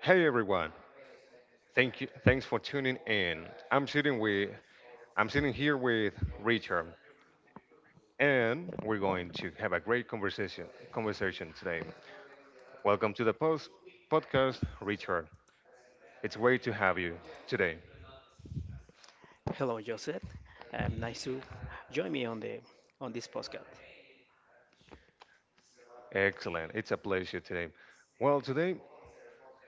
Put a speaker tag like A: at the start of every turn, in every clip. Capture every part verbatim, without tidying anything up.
A: Hey everyone. Thank you thanks for tuning in. I'm sitting with I'm sitting here with Richard, and we're going to have a great conversation conversation today. Welcome to the post podcast, Richard. It's great to have you today.
B: Hello, Joseph. Um, nice to join me on the on this podcast.
A: Excellent. It's a pleasure today. Well, today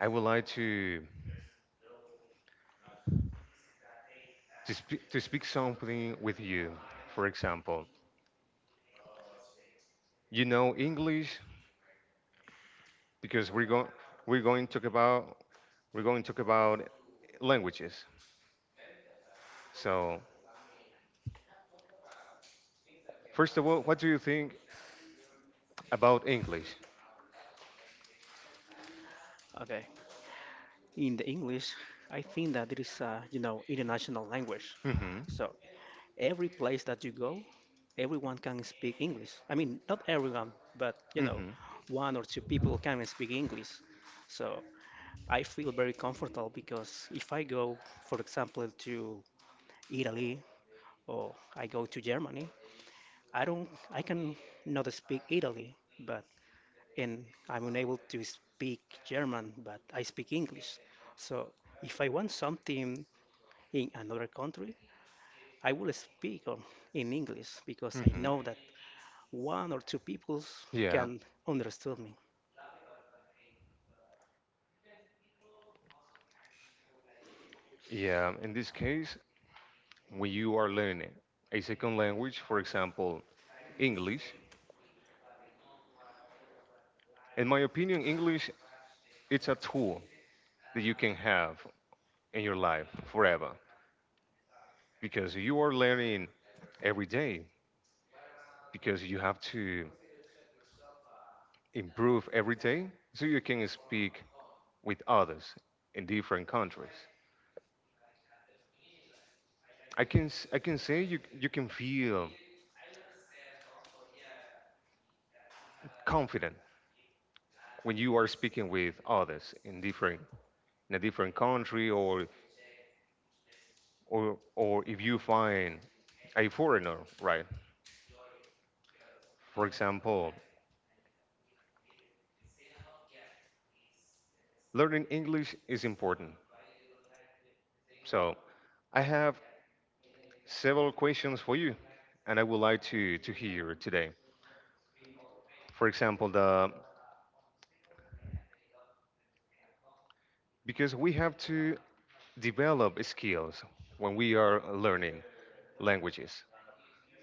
A: I would like to to, spe- to speak something with you. For example, you know English because we're going we're going to talk about we're going to talk about languages. So, first of all, what do you think about English?
B: Okay, in the English, I think that it is a you know international language,
A: Mm-hmm.
B: so every place that you go, everyone can speak English. I mean, not everyone, but you know,
A: Mm-hmm.
B: one or two people can speak English. So I feel very comfortable because if I go, for example, to Italy or I go to Germany, I don't I can not speak Italy, but and I'm unable to speak German, but I speak English. So if I want something in another country, I will speak on, in English because I
A: Mm-hmm.
B: know that one or two people
A: Yeah.
B: can understand me.
A: Yeah. In this case, when you are learning a second language, for example, English, in my opinion, English it's a tool that you can have in your life forever because you are learning every day, because you have to improve every day so you can speak with others in different countries. I can s- I can say you you can feel confident when you are speaking with others in different in a different country, or or or if you find a foreigner, right? For example, learning English is important. So, I have several questions for you, and I would like to to hear today. For example, the because we have to develop skills when we are learning languages.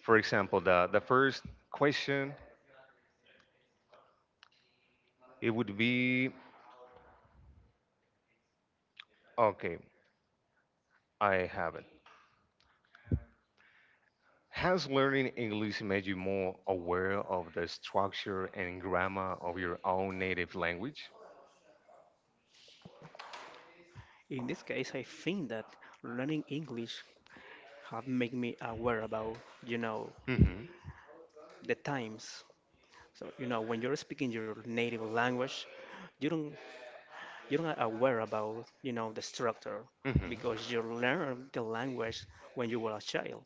A: For example, the, the first question, it would be, okay, I have it. Has learning English made you more aware of the structure and grammar of your own native language?
B: In this case, I think that learning English have made me aware about, you know,
A: Hmm.
B: the times. So, you know, when you're speaking your native language, you don't you're not aware about you know the structure,
A: Hmm.
B: because you learn the language when you were a child,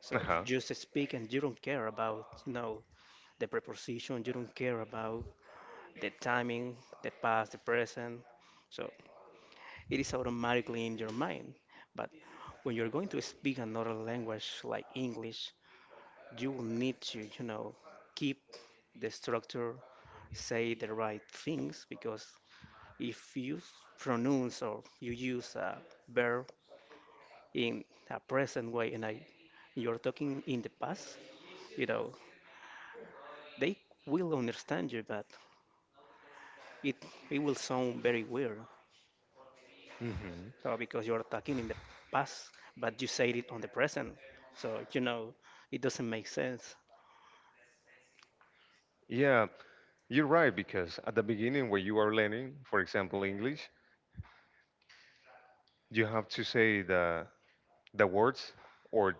B: so you
A: Uh-huh.
B: just speak and you don't care about you know the preposition, you don't care about the timing, the past, the present, so it is automatically in your mind. But when you're going to speak another language like English, you will need to, you know, keep the structure, say the right things, because if you pronounce or you use a verb in a present way and I, you're talking in the past, you know, they will understand you, but it, it will sound very weird.
A: Hmm.
B: So because you're talking in the past, but you said it on the present. So, you know, it doesn't make sense.
A: Yeah, you're right, because at the beginning, when you are learning, for example, English, you have to say the the words, or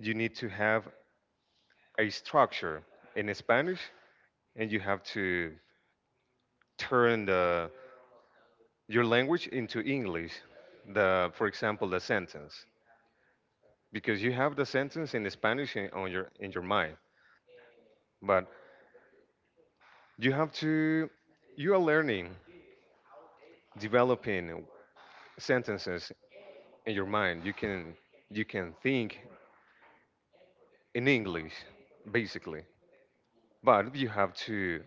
A: you need to have a structure in Spanish and you have to turn the your language into English, the for example the sentence, because you have the sentence in Spanish in, on your in your mind. But you have to you are learning developing sentences in your mind. You can you can think in English, basically, but you have to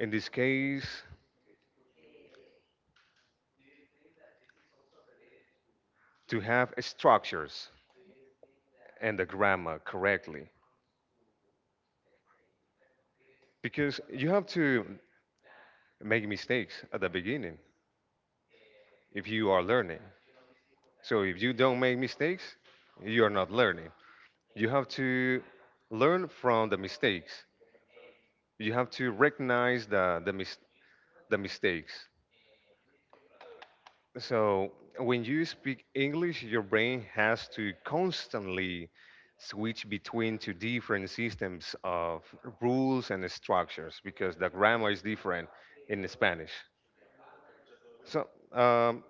A: in this case to have structures and the grammar correctly, because you have to make mistakes at the beginning if you are learning. So if you don't make mistakes, you are not learning. You have to learn from the mistakes. You have to recognize the the, mis- the mistakes. So when you speak English, your brain has to constantly switch between two different systems of rules and structures, because the grammar is different in Spanish. So um,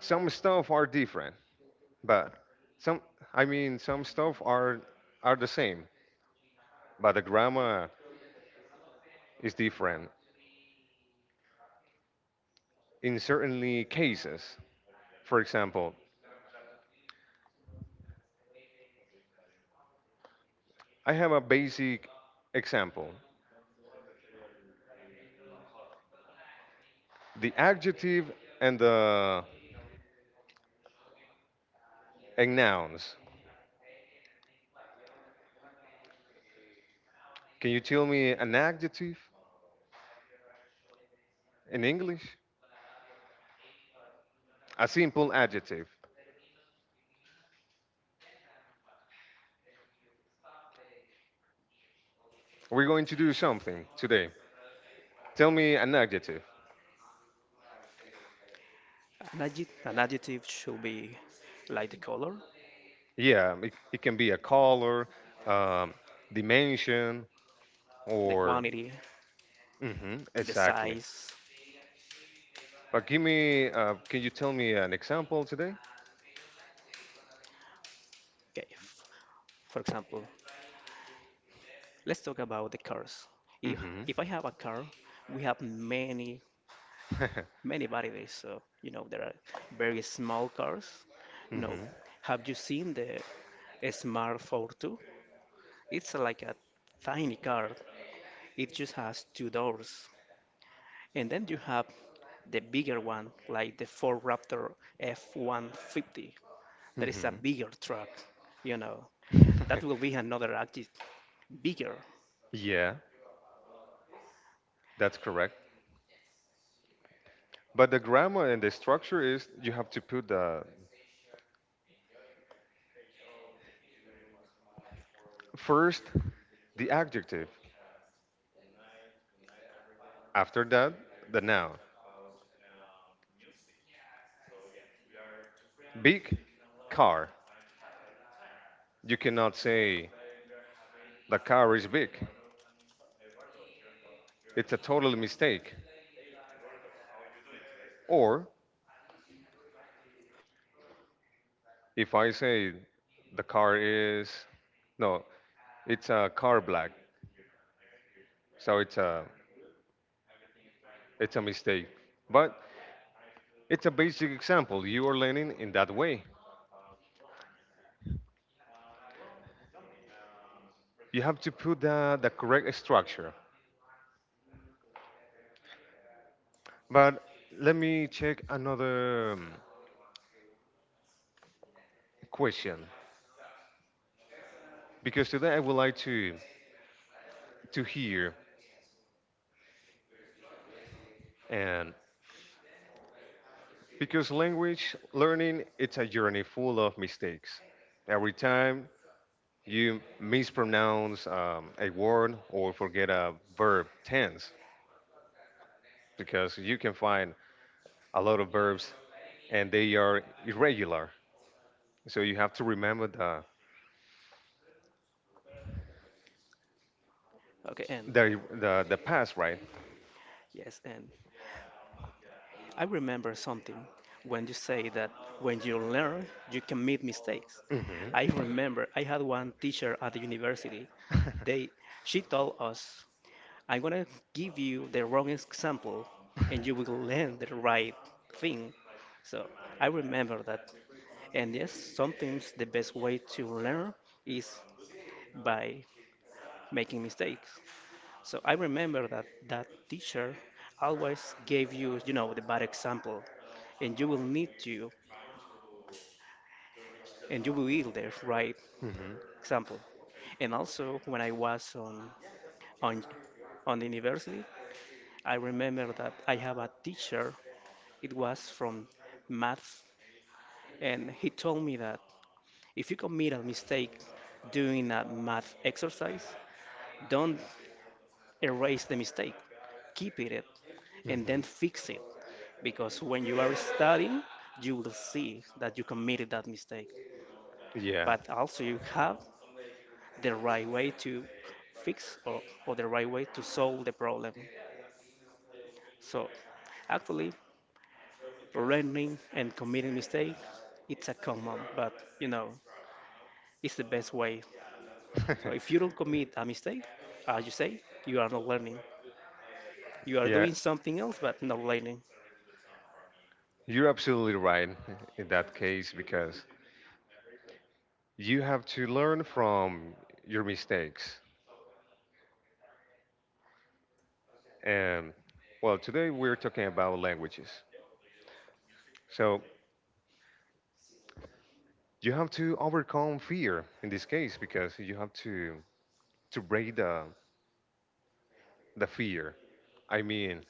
A: some stuff are different, but some, I mean, some stuff are are the same, but the grammar is different in certain cases. For example, I have a basic example. The adjective and the and nouns. Can you tell me an adjective in English? A simple adjective. We're going to do something today. Tell me an adjective.
B: An adjective, an adjective should be like the color,
A: Yeah, it, it can be a color, um, dimension,
B: the
A: or
B: quantity,
A: hmm
B: the
A: exactly.
B: size.
A: But give me, uh, can you tell me an example today?
B: Okay. For example, let's talk about the cars. If
A: Hmm.
B: if I have a car, we have many many varieties. So you know there are very small cars. No,
A: Hmm.
B: have you seen the Smart four two? It's like a tiny car. It just has two doors. And then you have the bigger one, like the Ford Raptor F one five zero. That is a
A: Hmm.
B: bigger truck. You know that will be another active bigger.
A: Yeah, that's correct. But the grammar and the structure is, you have to put the first the adjective, after that the noun. Big car. You cannot say the car is big. It's a total mistake. Or if I say the car is, no, it's a car black. So it's a it's a mistake. But it's a basic example. You are learning in that way. You have to put the, the correct structure. But let me check another um, question, because today I would like to to hear, and because language learning it's a journey full of mistakes. Every time you mispronounce um, a word or forget a verb tense, because you can find a lot of verbs and they are irregular. So you have to remember the
B: Okay, and
A: the the, the past, right?
B: yes, and I remember something when you say that when you learn, you can make mistakes.
A: Hmm.
B: I remember I had one teacher at the university. They, she told us, I'm gonna give you the wrong example and you will learn the right thing. So I remember that. And yes, sometimes the best way to learn is by making mistakes. So I remember that that teacher always gave you, you know, the bad example and you will need to and you will the right
A: Hmm.
B: example. And also, when I was on on on the university, I remember that I have a teacher. It was from math, and he told me that if you commit a mistake doing a math exercise, don't erase the mistake. Keep it and then
A: Hmm.
B: fix it, because when you are studying you will see that you committed that mistake,
A: Yeah.
B: but also you have the right way to fix, or, or the right way to solve the problem. So actually, learning and committing mistakes, it's a common, but you know, it's the best way. So if you don't commit a mistake, as you say, you are not learning. You are
A: Yeah,
B: doing something else, but not learning.
A: you're absolutely right in that case, because you have to learn from your mistakes. And, well, today we're talking about languages. So you have to overcome fear in this case, because you have to to break the the fear. I mean,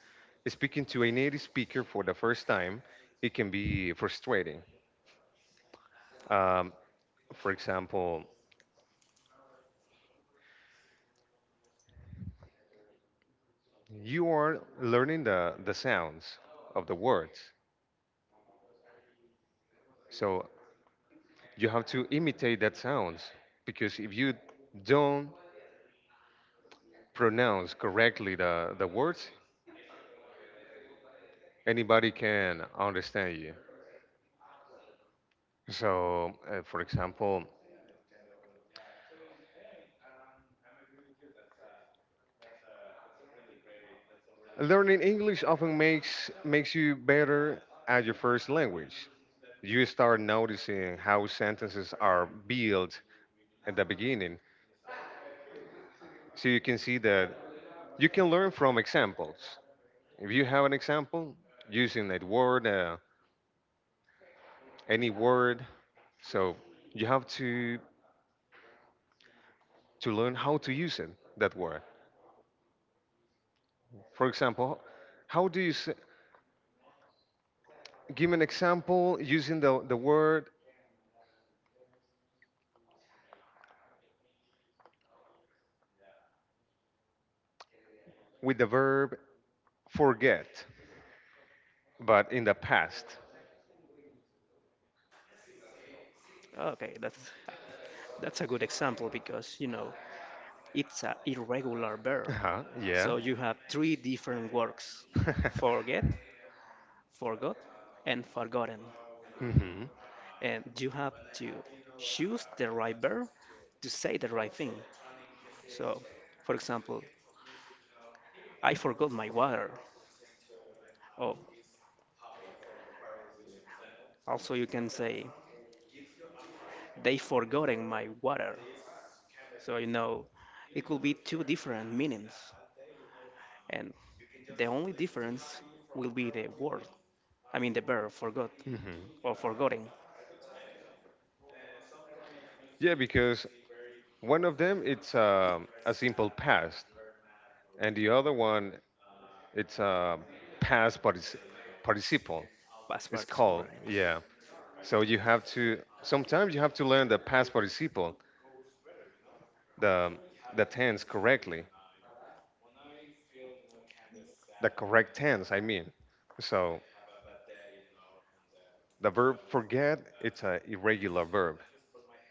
A: speaking to a native speaker for the first time, it can be frustrating. Um, for example, you are learning the, the sounds of the words. So you have to imitate that sounds, because if you don't pronounce correctly the, the words, anybody can understand you. So, uh, for example, learning English often makes makes you better at your first language. You start noticing how sentences are built at the beginning, so you can see that you can learn from examples. If you have an example using that word, uh, any word, so you have to to learn how to use it that word. For example, how do you s give an example using the the word with the verb forget, but in the past?
B: Okay, that's that's a good example because you know it's an irregular verb.
A: Uh-huh, yeah.
B: So you have three different words: forget, forgot, and forgotten,
A: Hmm.
B: and you have to choose the right verb to say the right thing. So, for example, I forgot my water. Oh, also you can say they forgotten my water. So you know, it will be two different meanings, and the only difference will be the word. I mean the verb forgot
A: Hmm.
B: or forgotten.
A: Yeah. because one of them it's um a simple past, and the other one it's a past partici- participle.
B: Past
A: It's
B: participle,
A: called,
B: right?
A: yeah. So you have to sometimes you have to learn the past participle, the the tense correctly, the correct tense. I mean, so the verb forget it's a irregular verb,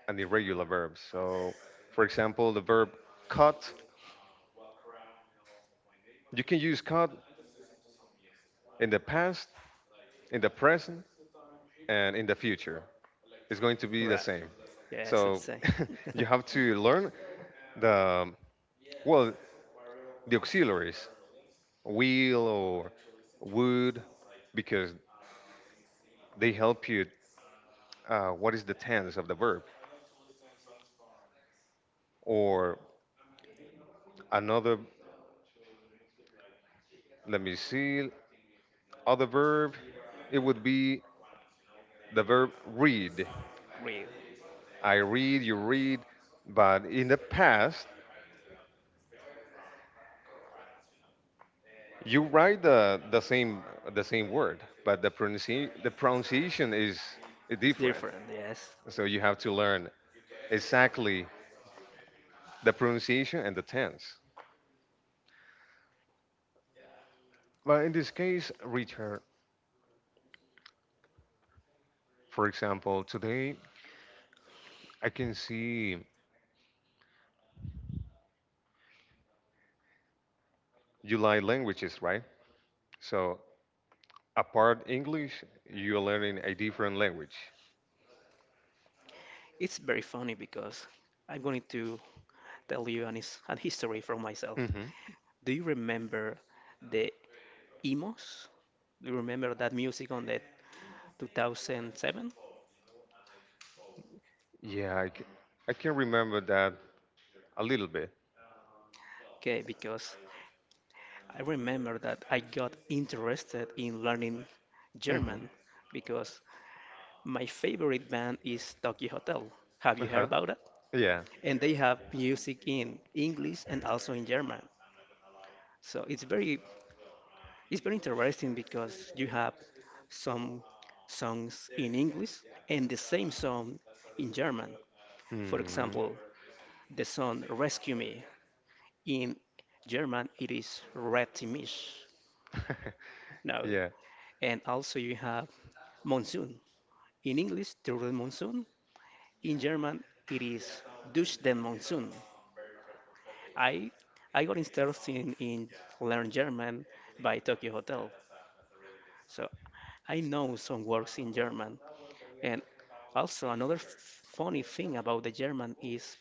A: an irregular verb. So, for example, the verb cut, you can use cut in the past, in the present, and in the future. It's going to be the
B: Right.
A: same.
B: Yes,
A: So
B: it's the same.
A: you have to learn the well the auxiliaries wheel or would, because they help you, uh, what is the tense of the verb. Or another, let me see, other verb, it would be the verb read.
B: Real.
A: I read, you read, but in the past you write the, the same the same word, but the pronunci- the pronunciation is
B: It's
A: different.
B: different. Yes.
A: So you have to learn exactly the pronunciation and the tense. But in this case, Richard, for example, today I can see you like languages, right? So apart English, you're learning a different language.
B: It's very funny because I'm going to tell you an, his- an history from myself.
A: Hmm.
B: Do you remember the Emos? Do you remember that music on the two thousand seven?
A: Yeah, I can, I can remember that a little bit.
B: Okay, because I remember that I got interested in learning
A: Hmm.
B: German because my favorite band is Tokyo Hotel. Have you heard
A: Uh-huh.
B: about it?
A: Yeah.
B: And they have music in English and also in German. So it's very It's very interesting because you have some songs in English and the same song in German. For
A: Hmm.
B: example, the song Rescue Me in German, it is Rettimisch. Now,
A: Yeah.
B: and also you have Monsoon. In English, the word Monsoon. In German, it is Durch den Monsoon. I I got interested in, in learn German by Tokyo Hotel. So I know some words in German. And also another f- funny thing about the German is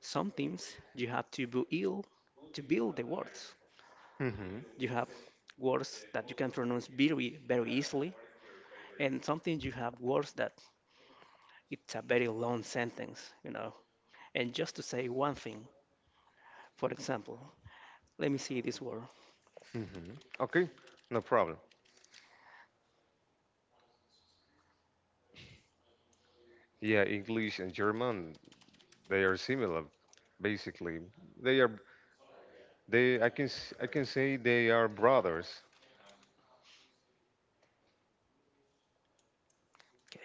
B: sometimes you have to be ill to build the words.
A: Hmm.
B: You have words that you can pronounce very very easily, and sometimes you have words that it's a very long sentence, you know. And just to say one thing, for example, let me see this word.
A: Hmm. Okay, no problem. Yeah, English and German, they are similar, basically. They are they I can s- I can say they are brothers.
B: Okay,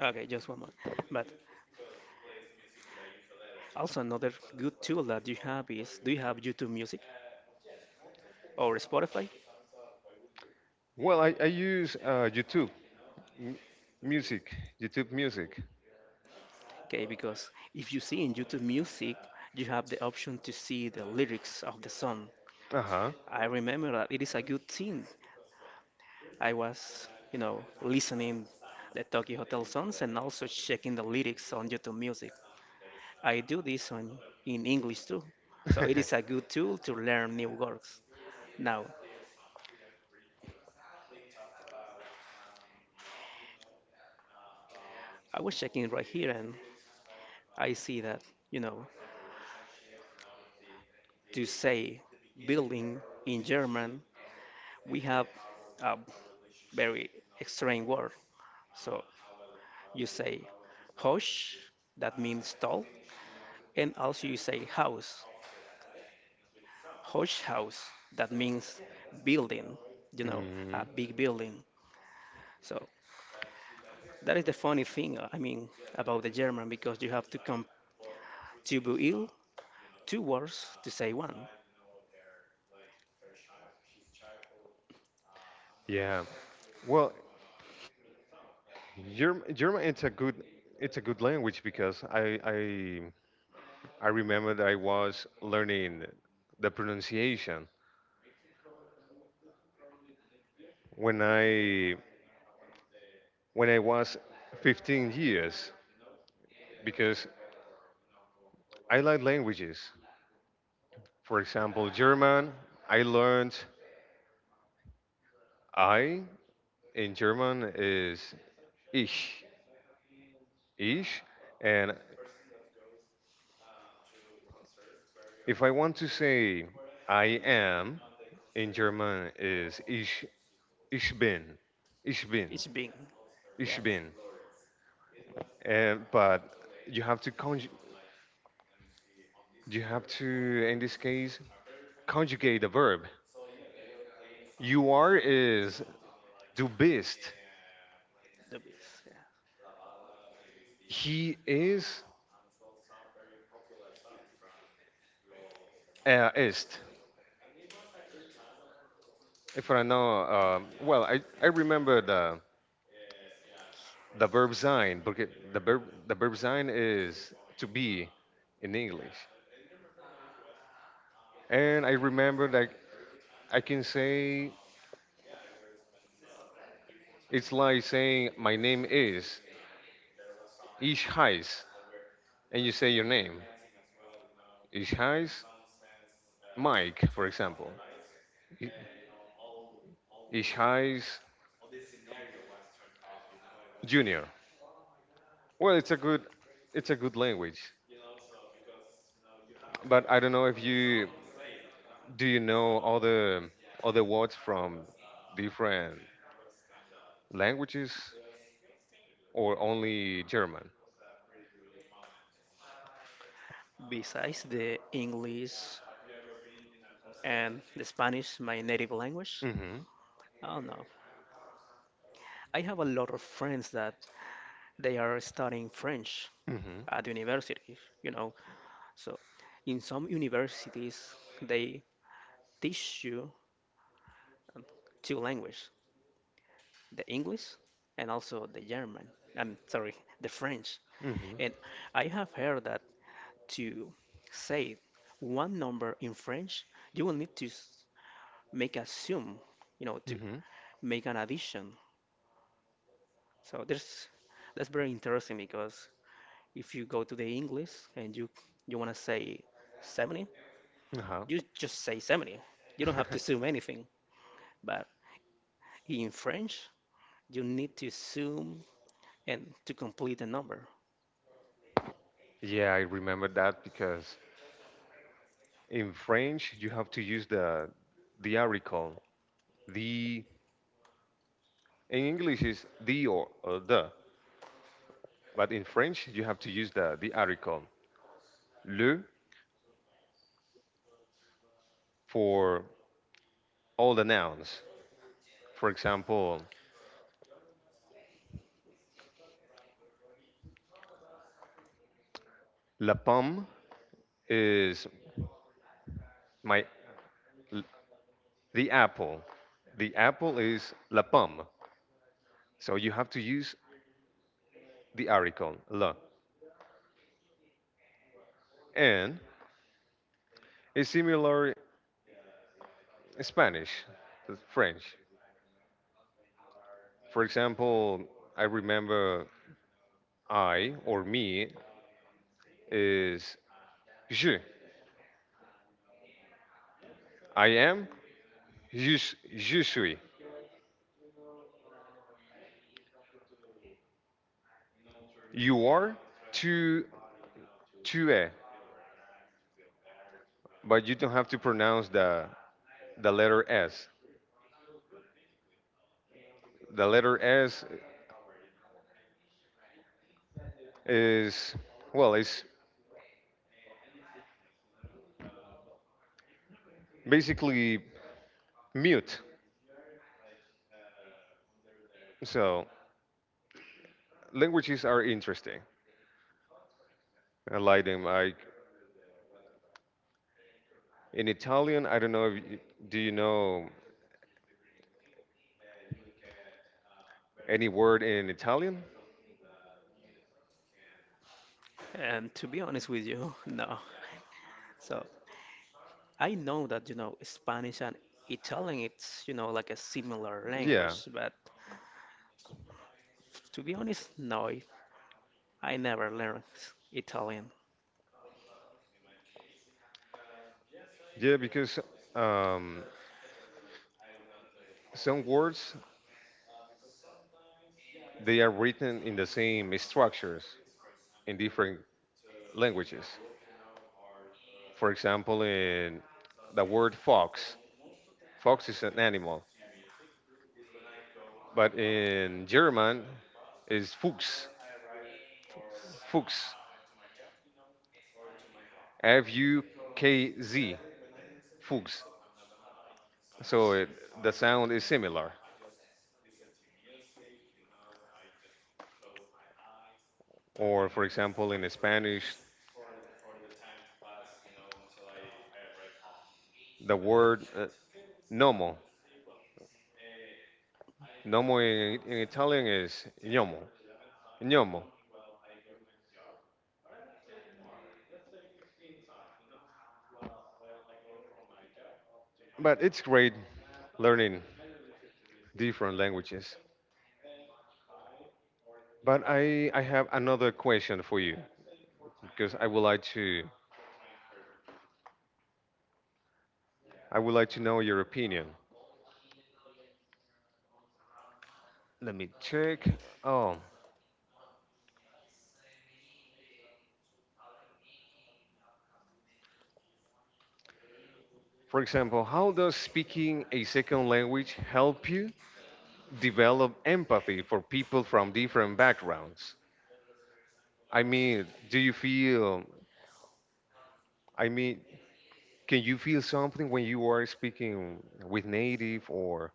B: okay, just one more. But also another good tool that you have is, do you have YouTube Music or Spotify?
A: Well, I, I use uh, YouTube M- music, YouTube music.
B: Okay? Because if you see in YouTube Music, you have the option to see the lyrics of the song.
A: Uh huh.
B: I remember that it is a good thing. I was, you know, listening the Tokyo Hotel songs and also checking the lyrics on YouTube Music. I do this on in English too, so it is a good tool to learn new words. Now, I was checking right here and I see that, you know, to say building in German, we have a very strange word. So you say Hosh, that means tall, and also you say house. Hosh house, that means building, you know,
A: Mm,
B: a big building. So that is the funny thing, uh, I mean, about the German because you have to come to build two words to say one.
A: yeah. Well, Germ- German it's a good it's a good language, because I I I remember that I was learning the pronunciation when I when I was fifteen years, because I like languages. For example, German. I learned I in German is ich, ich, and if I want to say I am, in German is ich, ich bin, ich bin,
B: It's being,
A: ich
B: yes,
A: bin. And, but you have to conj- you have to in this case conjugate the verb. You are is du bist.
B: the bees, yeah.
A: He is er ist. If I know, uh, well, I, I remember the the verb sein, because the verb the verb sein is to be in English. And I remember, like, I can say it's like saying my name is Ish Heis, and you say your name. Ish Heis, Mike, for example. I- Ish Heis Junior. Well, it's a good, it's a good language. But I don't know if you do you know other other words from different languages or only German.
B: Besides the English and the Spanish, my native language,
A: Mhm.
B: I don't know. I have a lot of friends that they are studying French
A: Mhm.
B: at universities, you know. So in some universities, they teach you two languages, the English and also the German. I'm sorry, the French.
A: Mhm.
B: And I have heard that to say one number in French, you will need to s- make a sum, you know, to
A: Mhm.
B: make an addition. So there's that's very interesting because if you go to the English and you you want to say seventy,
A: Uh huh.
B: you just say seventy. You don't have to assume anything. But in French, you need to assume and to complete the number.
A: Yeah, I remember that, because in French you have to use the the article the. In English is the or, or the, but in French you have to use the the article le for all the nouns. For example, la pomme is my l- the apple the apple is la pomme. So you have to use the article la, and it's similar in Spanish to French. For example, I remember I or me is je. I am, je, je suis. You are, tu, tu es. But you don't have to pronounce the, the letter S. The letter S is, well, it's basically mute. So languages are interesting. I like them. I, in Italian, I don't know, if you, do you know any word in Italian?
B: And to be honest with you, no. So I know that, you know, Spanish and Italian, it's, you know, like a similar
A: Yeah,
B: language. But to be honest, no, I never learned Italian.
A: yeah, because um, some words, they are written in the same structures in different languages. For example, in the word fox, fox is an animal, but in German is Fuchs, Fuchs, F U K Z, Fuchs. So it, the sound is similar. Or, for example, in Spanish, the word, uh, gnomo, gnomo, in, in Italian is gnomo, gnomo. But it's great learning different languages. But I, I have another question for you, because I would like to I would like to know your opinion. Let me check. Oh, for example, how does speaking a second language help you develop empathy for people from different backgrounds? I mean, do you feel I mean, can you feel something when you are speaking with native or.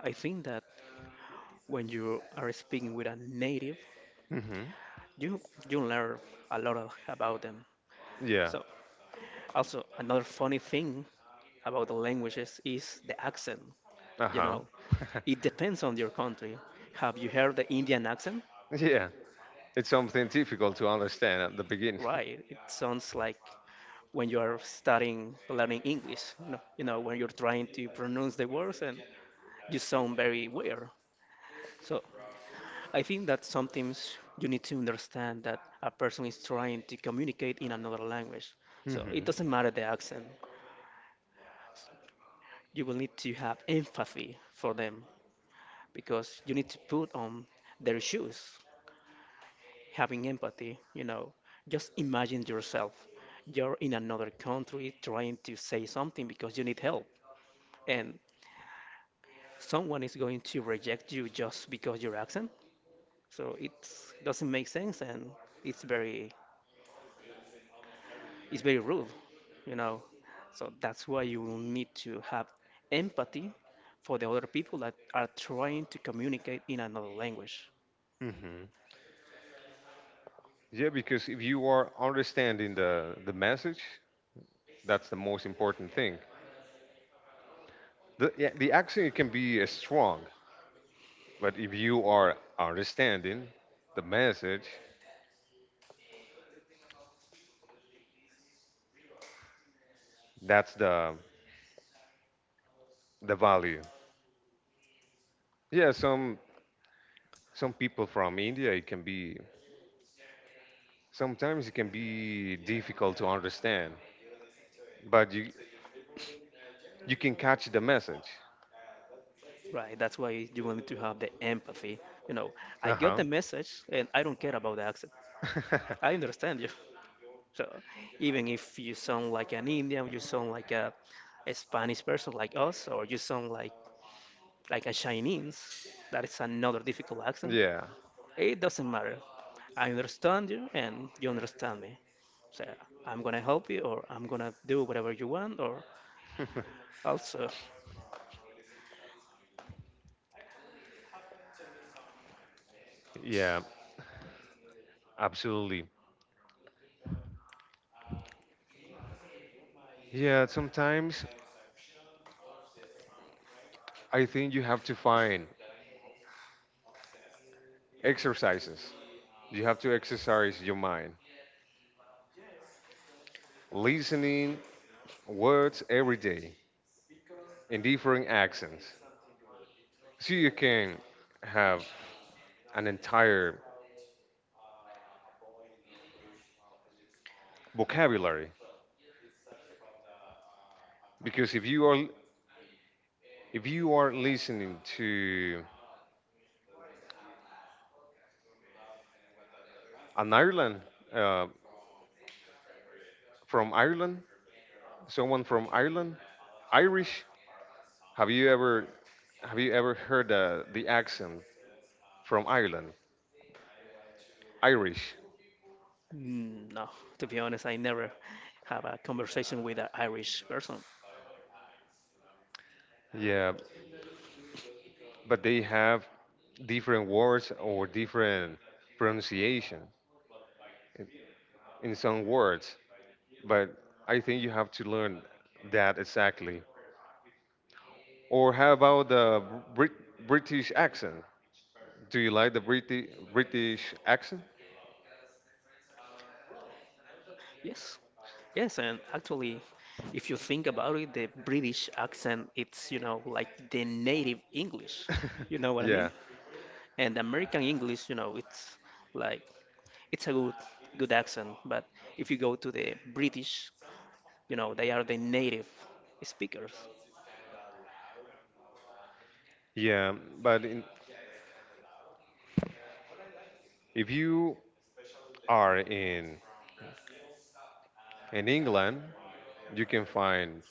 B: I think that when you are speaking with a native,
A: Hmm.
B: you you learn a lot of, about them.
A: Yeah.
B: So also another funny thing about the languages is the accent. You
A: Uh-huh.
B: know, it depends on your country. Have you heard the Indian accent?
A: Yeah. It's something difficult to understand at the beginning.
B: Right. It sounds like when you are studying, learning English, you know, you know, when you're trying to pronounce the words and you sound very weird. So I think that sometimes you need to understand that a person is trying to communicate in another language. So it doesn't
A: Hmm.
B: matter the accent. You will need to have empathy for them, because you need to put on their shoes, having empathy, you know. Just imagine yourself. You're in another country trying to say something because you need help, and someone is going to reject you just because your accent. So it doesn't make sense, and it's very it's very rude, you know. So that's why you will need to have empathy for the other people that are trying to communicate in another language.
A: Hmm. Yeah, because if you are understanding the the message, that's the most important thing. The yeah, the accent can be uh, strong, but if you are understanding the message, that's the the value. Yeah, some some people from India, it can be sometimes it can be difficult to understand, but you you can catch the message.
B: Right, that's why you will need to have the empathy. You know, I
A: Uh
B: got
A: huh.
B: the message and I don't care about the accent. I understand you. So even if you sound like an Indian, you sound like a, a Spanish person like us, or you sound like like a Chinese, that is another difficult accent.
A: Yeah.
B: It doesn't matter. I understand you, and you understand me. So I'm gonna help you, or I'm gonna do whatever you want, or also,
A: Yeah, absolutely. Yeah, sometimes I think you have to find exercises. You have to exercise your mind. Listening words every day in different accents. So you can have an entire vocabulary. Because if you are if you are listening to an Ireland uh, from Ireland, someone from Ireland, Irish, have you ever have you ever heard uh, the accent from Ireland? Irish.
B: mm, no. To be honest, I never have a conversation with an Irish person.
A: Yeah, but they have different words or different pronunciation in some words. But I think you have to learn that exactly. Or how about the Brit- British accent? Do you like the Briti- British accent?
B: Yes, yes, and actually, if you think about it, the British accent, it's, you know, like the native English. You know what I mean?
A: Yeah,
B: And American English, you know, it's like it's a good good accent, but if you go to the British, you know, they are the native speakers.
A: yeah. But in, if you are in in England, you can find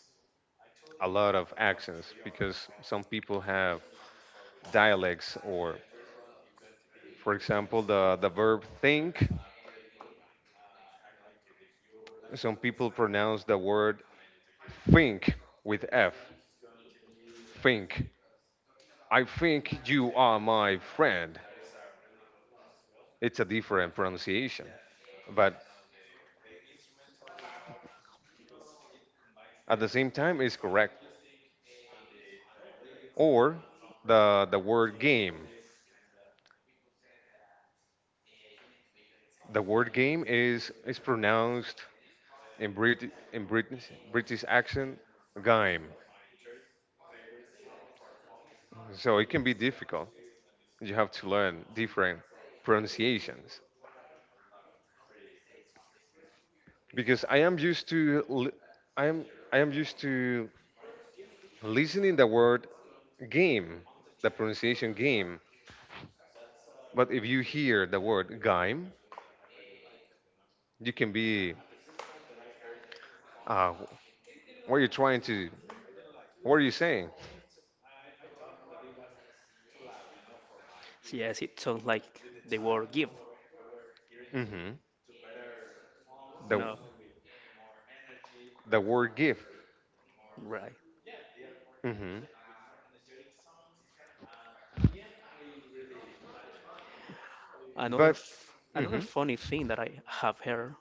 A: a lot of accents because some people have dialects or for example, the, the verb think, some people pronounce the word think with F. Think. I think you are my friend. It's a different pronunciation, but at the same time, it's correct. Or the, the word game. The word game is, is pronounced in, Brit- in British, British accent, game. So it can be difficult. You have to learn different pronunciations. Because I am used to li- I am I am used to listening the word game, the pronunciation game. But if you hear the word game, you can be uh, what are you trying to what are you saying?
B: So yes, it sounds like the word give,
A: hmm
B: you
A: The
B: know,
A: the word give.
B: right.
A: Hmm
B: Another
A: But
B: f- another
A: hmm
B: funny thing that I have heard,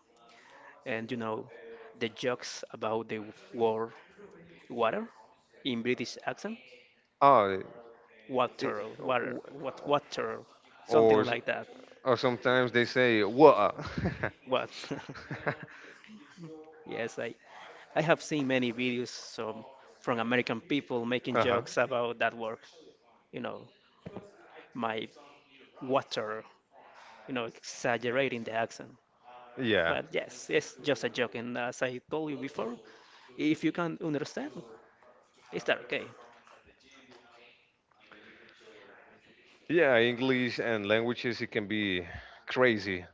B: and you know, the jokes about the war water in British accent.
A: Oh, it,
B: Water, water, what, water, something
A: or
B: like that.
A: or sometimes they say what.
B: What? Yes, I, I have seen many videos um, from American people making
A: Uh huh.
B: jokes about that word. You know, my water. You know, exaggerating the accent.
A: Yeah.
B: But yes, it's just a joke. And as I told you before, if you can understand, is that okay?
A: you know. Yeah, English and languages, it can be crazy.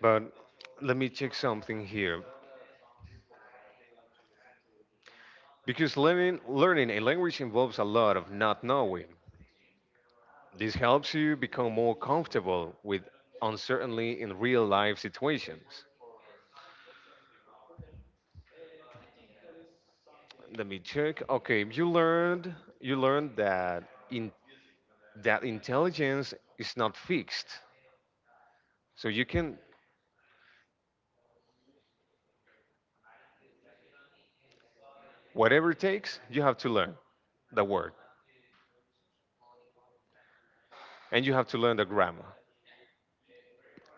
A: But let me check something here. Because learning, learning a language involves a lot of not knowing. This helps you become more comfortable with uncertainty in real life situations. Let me check. Okay, you learned you learned that in that intelligence is not fixed. So you can whatever it takes, you have to learn the word and you have to learn the grammar.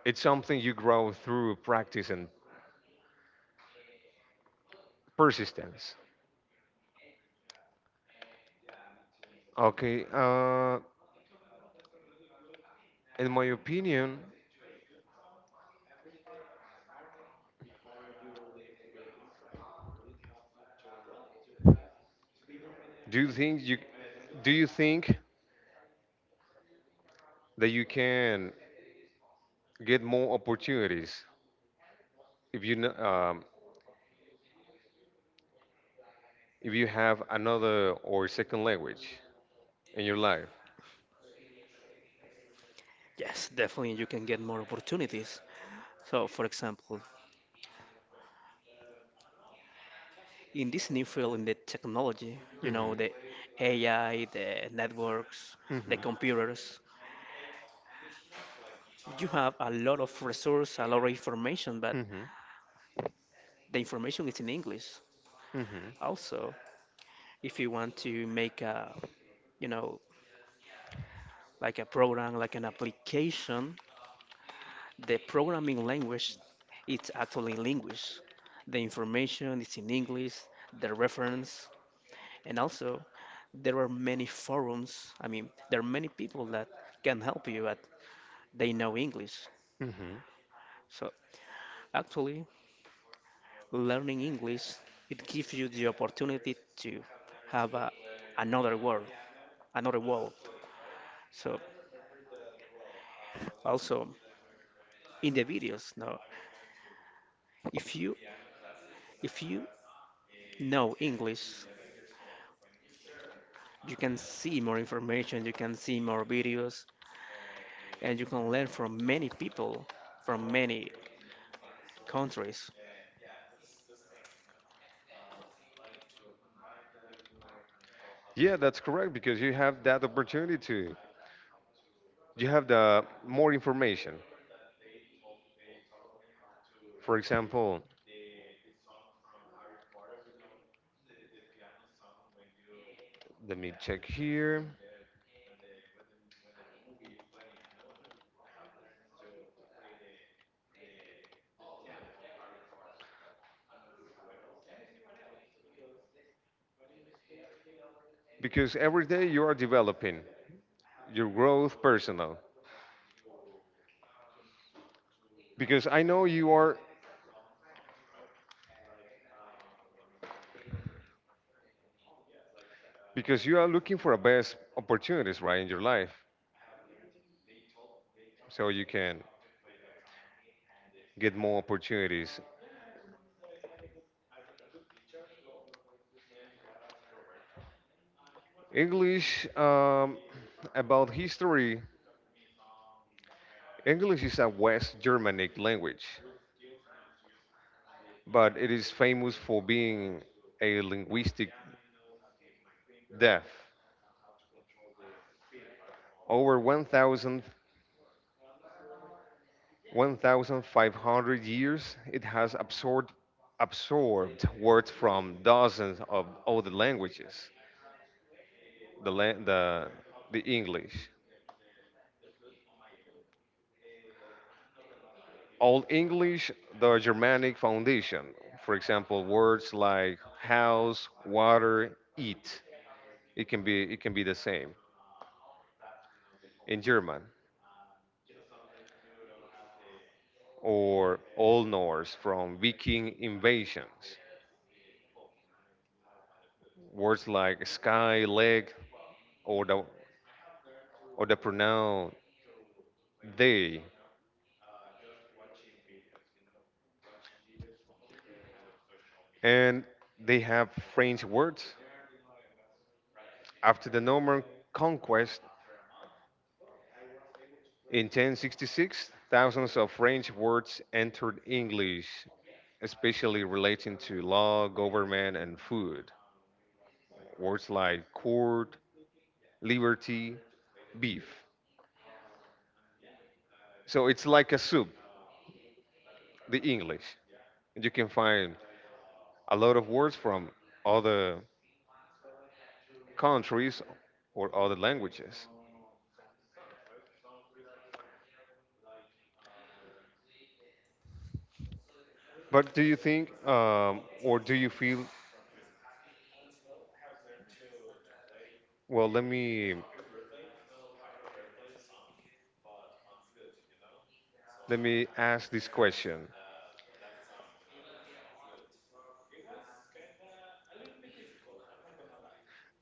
A: It's something you grow through practice and persistence. Okay, uh, in my opinion, do you think you do you think that you can get more opportunities if you kn- um, if you have another or second language in your life?
B: Yes, definitely you can get more opportunities. So, for example, in this new field in the technology, you know,
A: hmm
B: the A I, the networks, the
A: hmm
B: computers, you have a lot of resource, a lot of information, but
A: hmm
B: the information is in English.
A: hmm
B: Also, if you want to make a, you know, like a program, like an application, the programming language, it's actually in English. The information is in English, the reference, and also there are many forums. I mean, there are many people that can help you, but they know English.
A: hmm
B: So actually, learning English, it gives you the opportunity to have a, another world, another world. So also in the videos now, if you if you know English, you can see more information, you can see more videos, and you can learn from many people from many countries.
A: Yeah, that's correct because you have that opportunity to you have the more information. For example, let me check here because every day you are developing your growth personal. Because I know you are because you are looking for the best opportunities right in your life, so you can get more opportunities. English um, about history. English is a West Germanic language, but it is famous for being a linguistic depth. Over one thousand one thousand five hundred years, it has absorbed, absorbed words from dozens of other languages. The, la- the, the English. Old English, the Germanic foundation. For example, words like house, water, eat. It can be, it can be the same in German. Or Old Norse from Viking invasions. Words like sky, leg, or the, or the pronoun they, and they have French words. After the Norman conquest in ten sixty-six, thousands of French words entered English, especially relating to law, government, and food. Words like court, liberty, beef. So it's like a soup, the English. You can find a lot of words from other countries or other languages. But do you think, um, or do you feel, well, let me let me ask this question.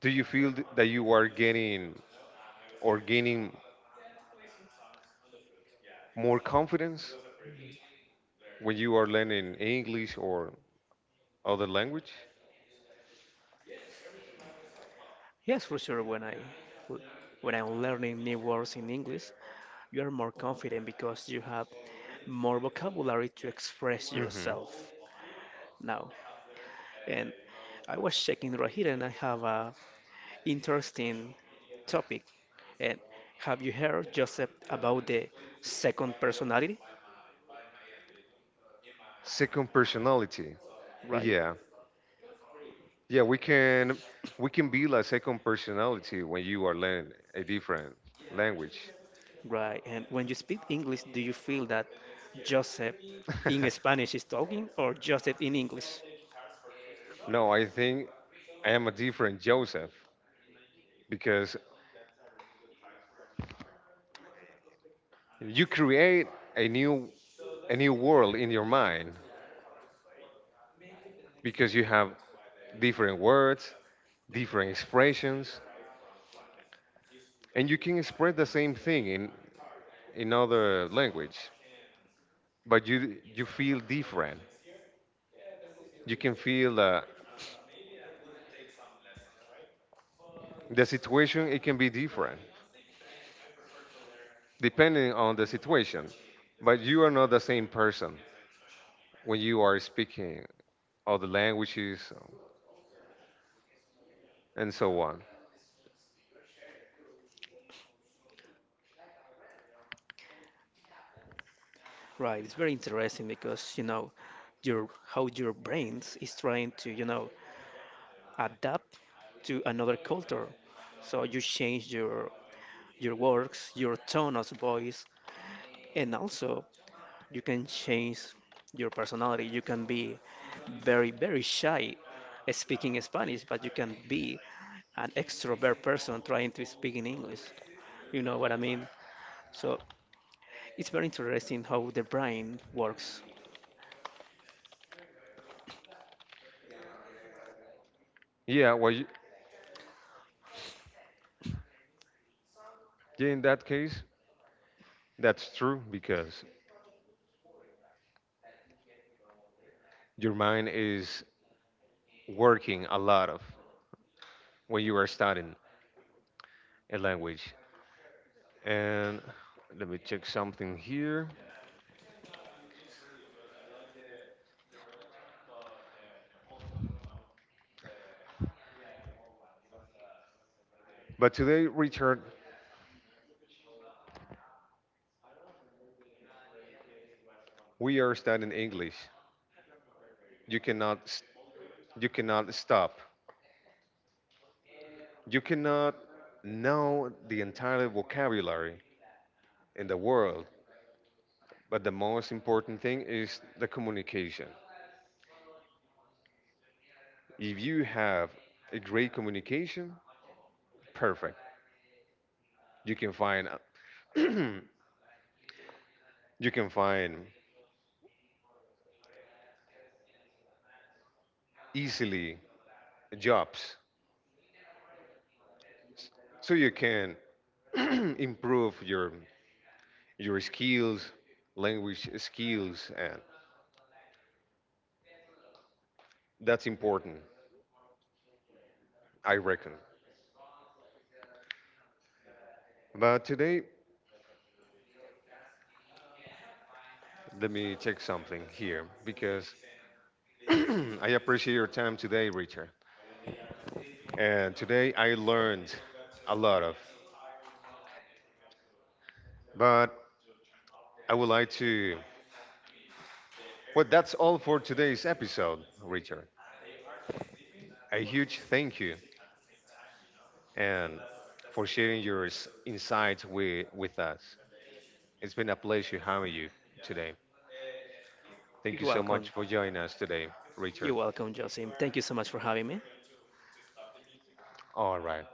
A: Do you feel th- that you are getting or gaining more confidence when you are learning English or other language?
B: Yes, for sure. When I when I'm learning new words in English, you are more confident because you have more vocabulary to express
A: hmm
B: yourself now. And I was checking right here and I have a interesting topic. And have you heard, Joseph, about the second personality?
A: Second personality.
B: Right?
A: Yeah. Yeah, we can we can be like second personality when you are learning a different language.
B: Right. And when you speak English, do you feel that Joseph in Spanish is talking or Joseph in English?
A: No, I think I am a different Joseph because you create a new a new world in your mind because you have different words, different expressions, and you can express the same thing in in other language, but you you feel different. You can feel that the situation it can be different, depending on the situation. But you are not the same person when you are speaking other languages um, and so on.
B: Right. It's very interesting because, you know, your how your brains is trying to, you know, adapt to another culture. So you change your your works, your tone of voice, and also you can change your personality. You can be very very shy speaking Spanish, but you can be an extrovert person trying to speak in English. You know what I mean? So it's very interesting how the brain works.
A: Yeah, well, you, yeah, in that case, that's true because your mind is working a lot of when you are studying a language. And let me check something here. But today, Richard, we are studying English. You cannot, s- you cannot stop. You cannot know the entire vocabulary in the world. But the most important thing is the communication. If you have a great communication, perfect. You can find you can find easily jobs. So you can improve your your skills, language skills, and that's important, I reckon. But today, let me check something here because I appreciate your time today, Richard, and today I learned a lot of. But I would like to. Well, that's all for today's episode, Richard. A huge thank you and for sharing your s- insights with, with us. It's been a pleasure having you today. Thank
B: You're
A: you so
B: welcome.
A: much for joining us today,
B: You're
A: Richard.
B: welcome, Josim. Thank you so much for having me.
A: All right.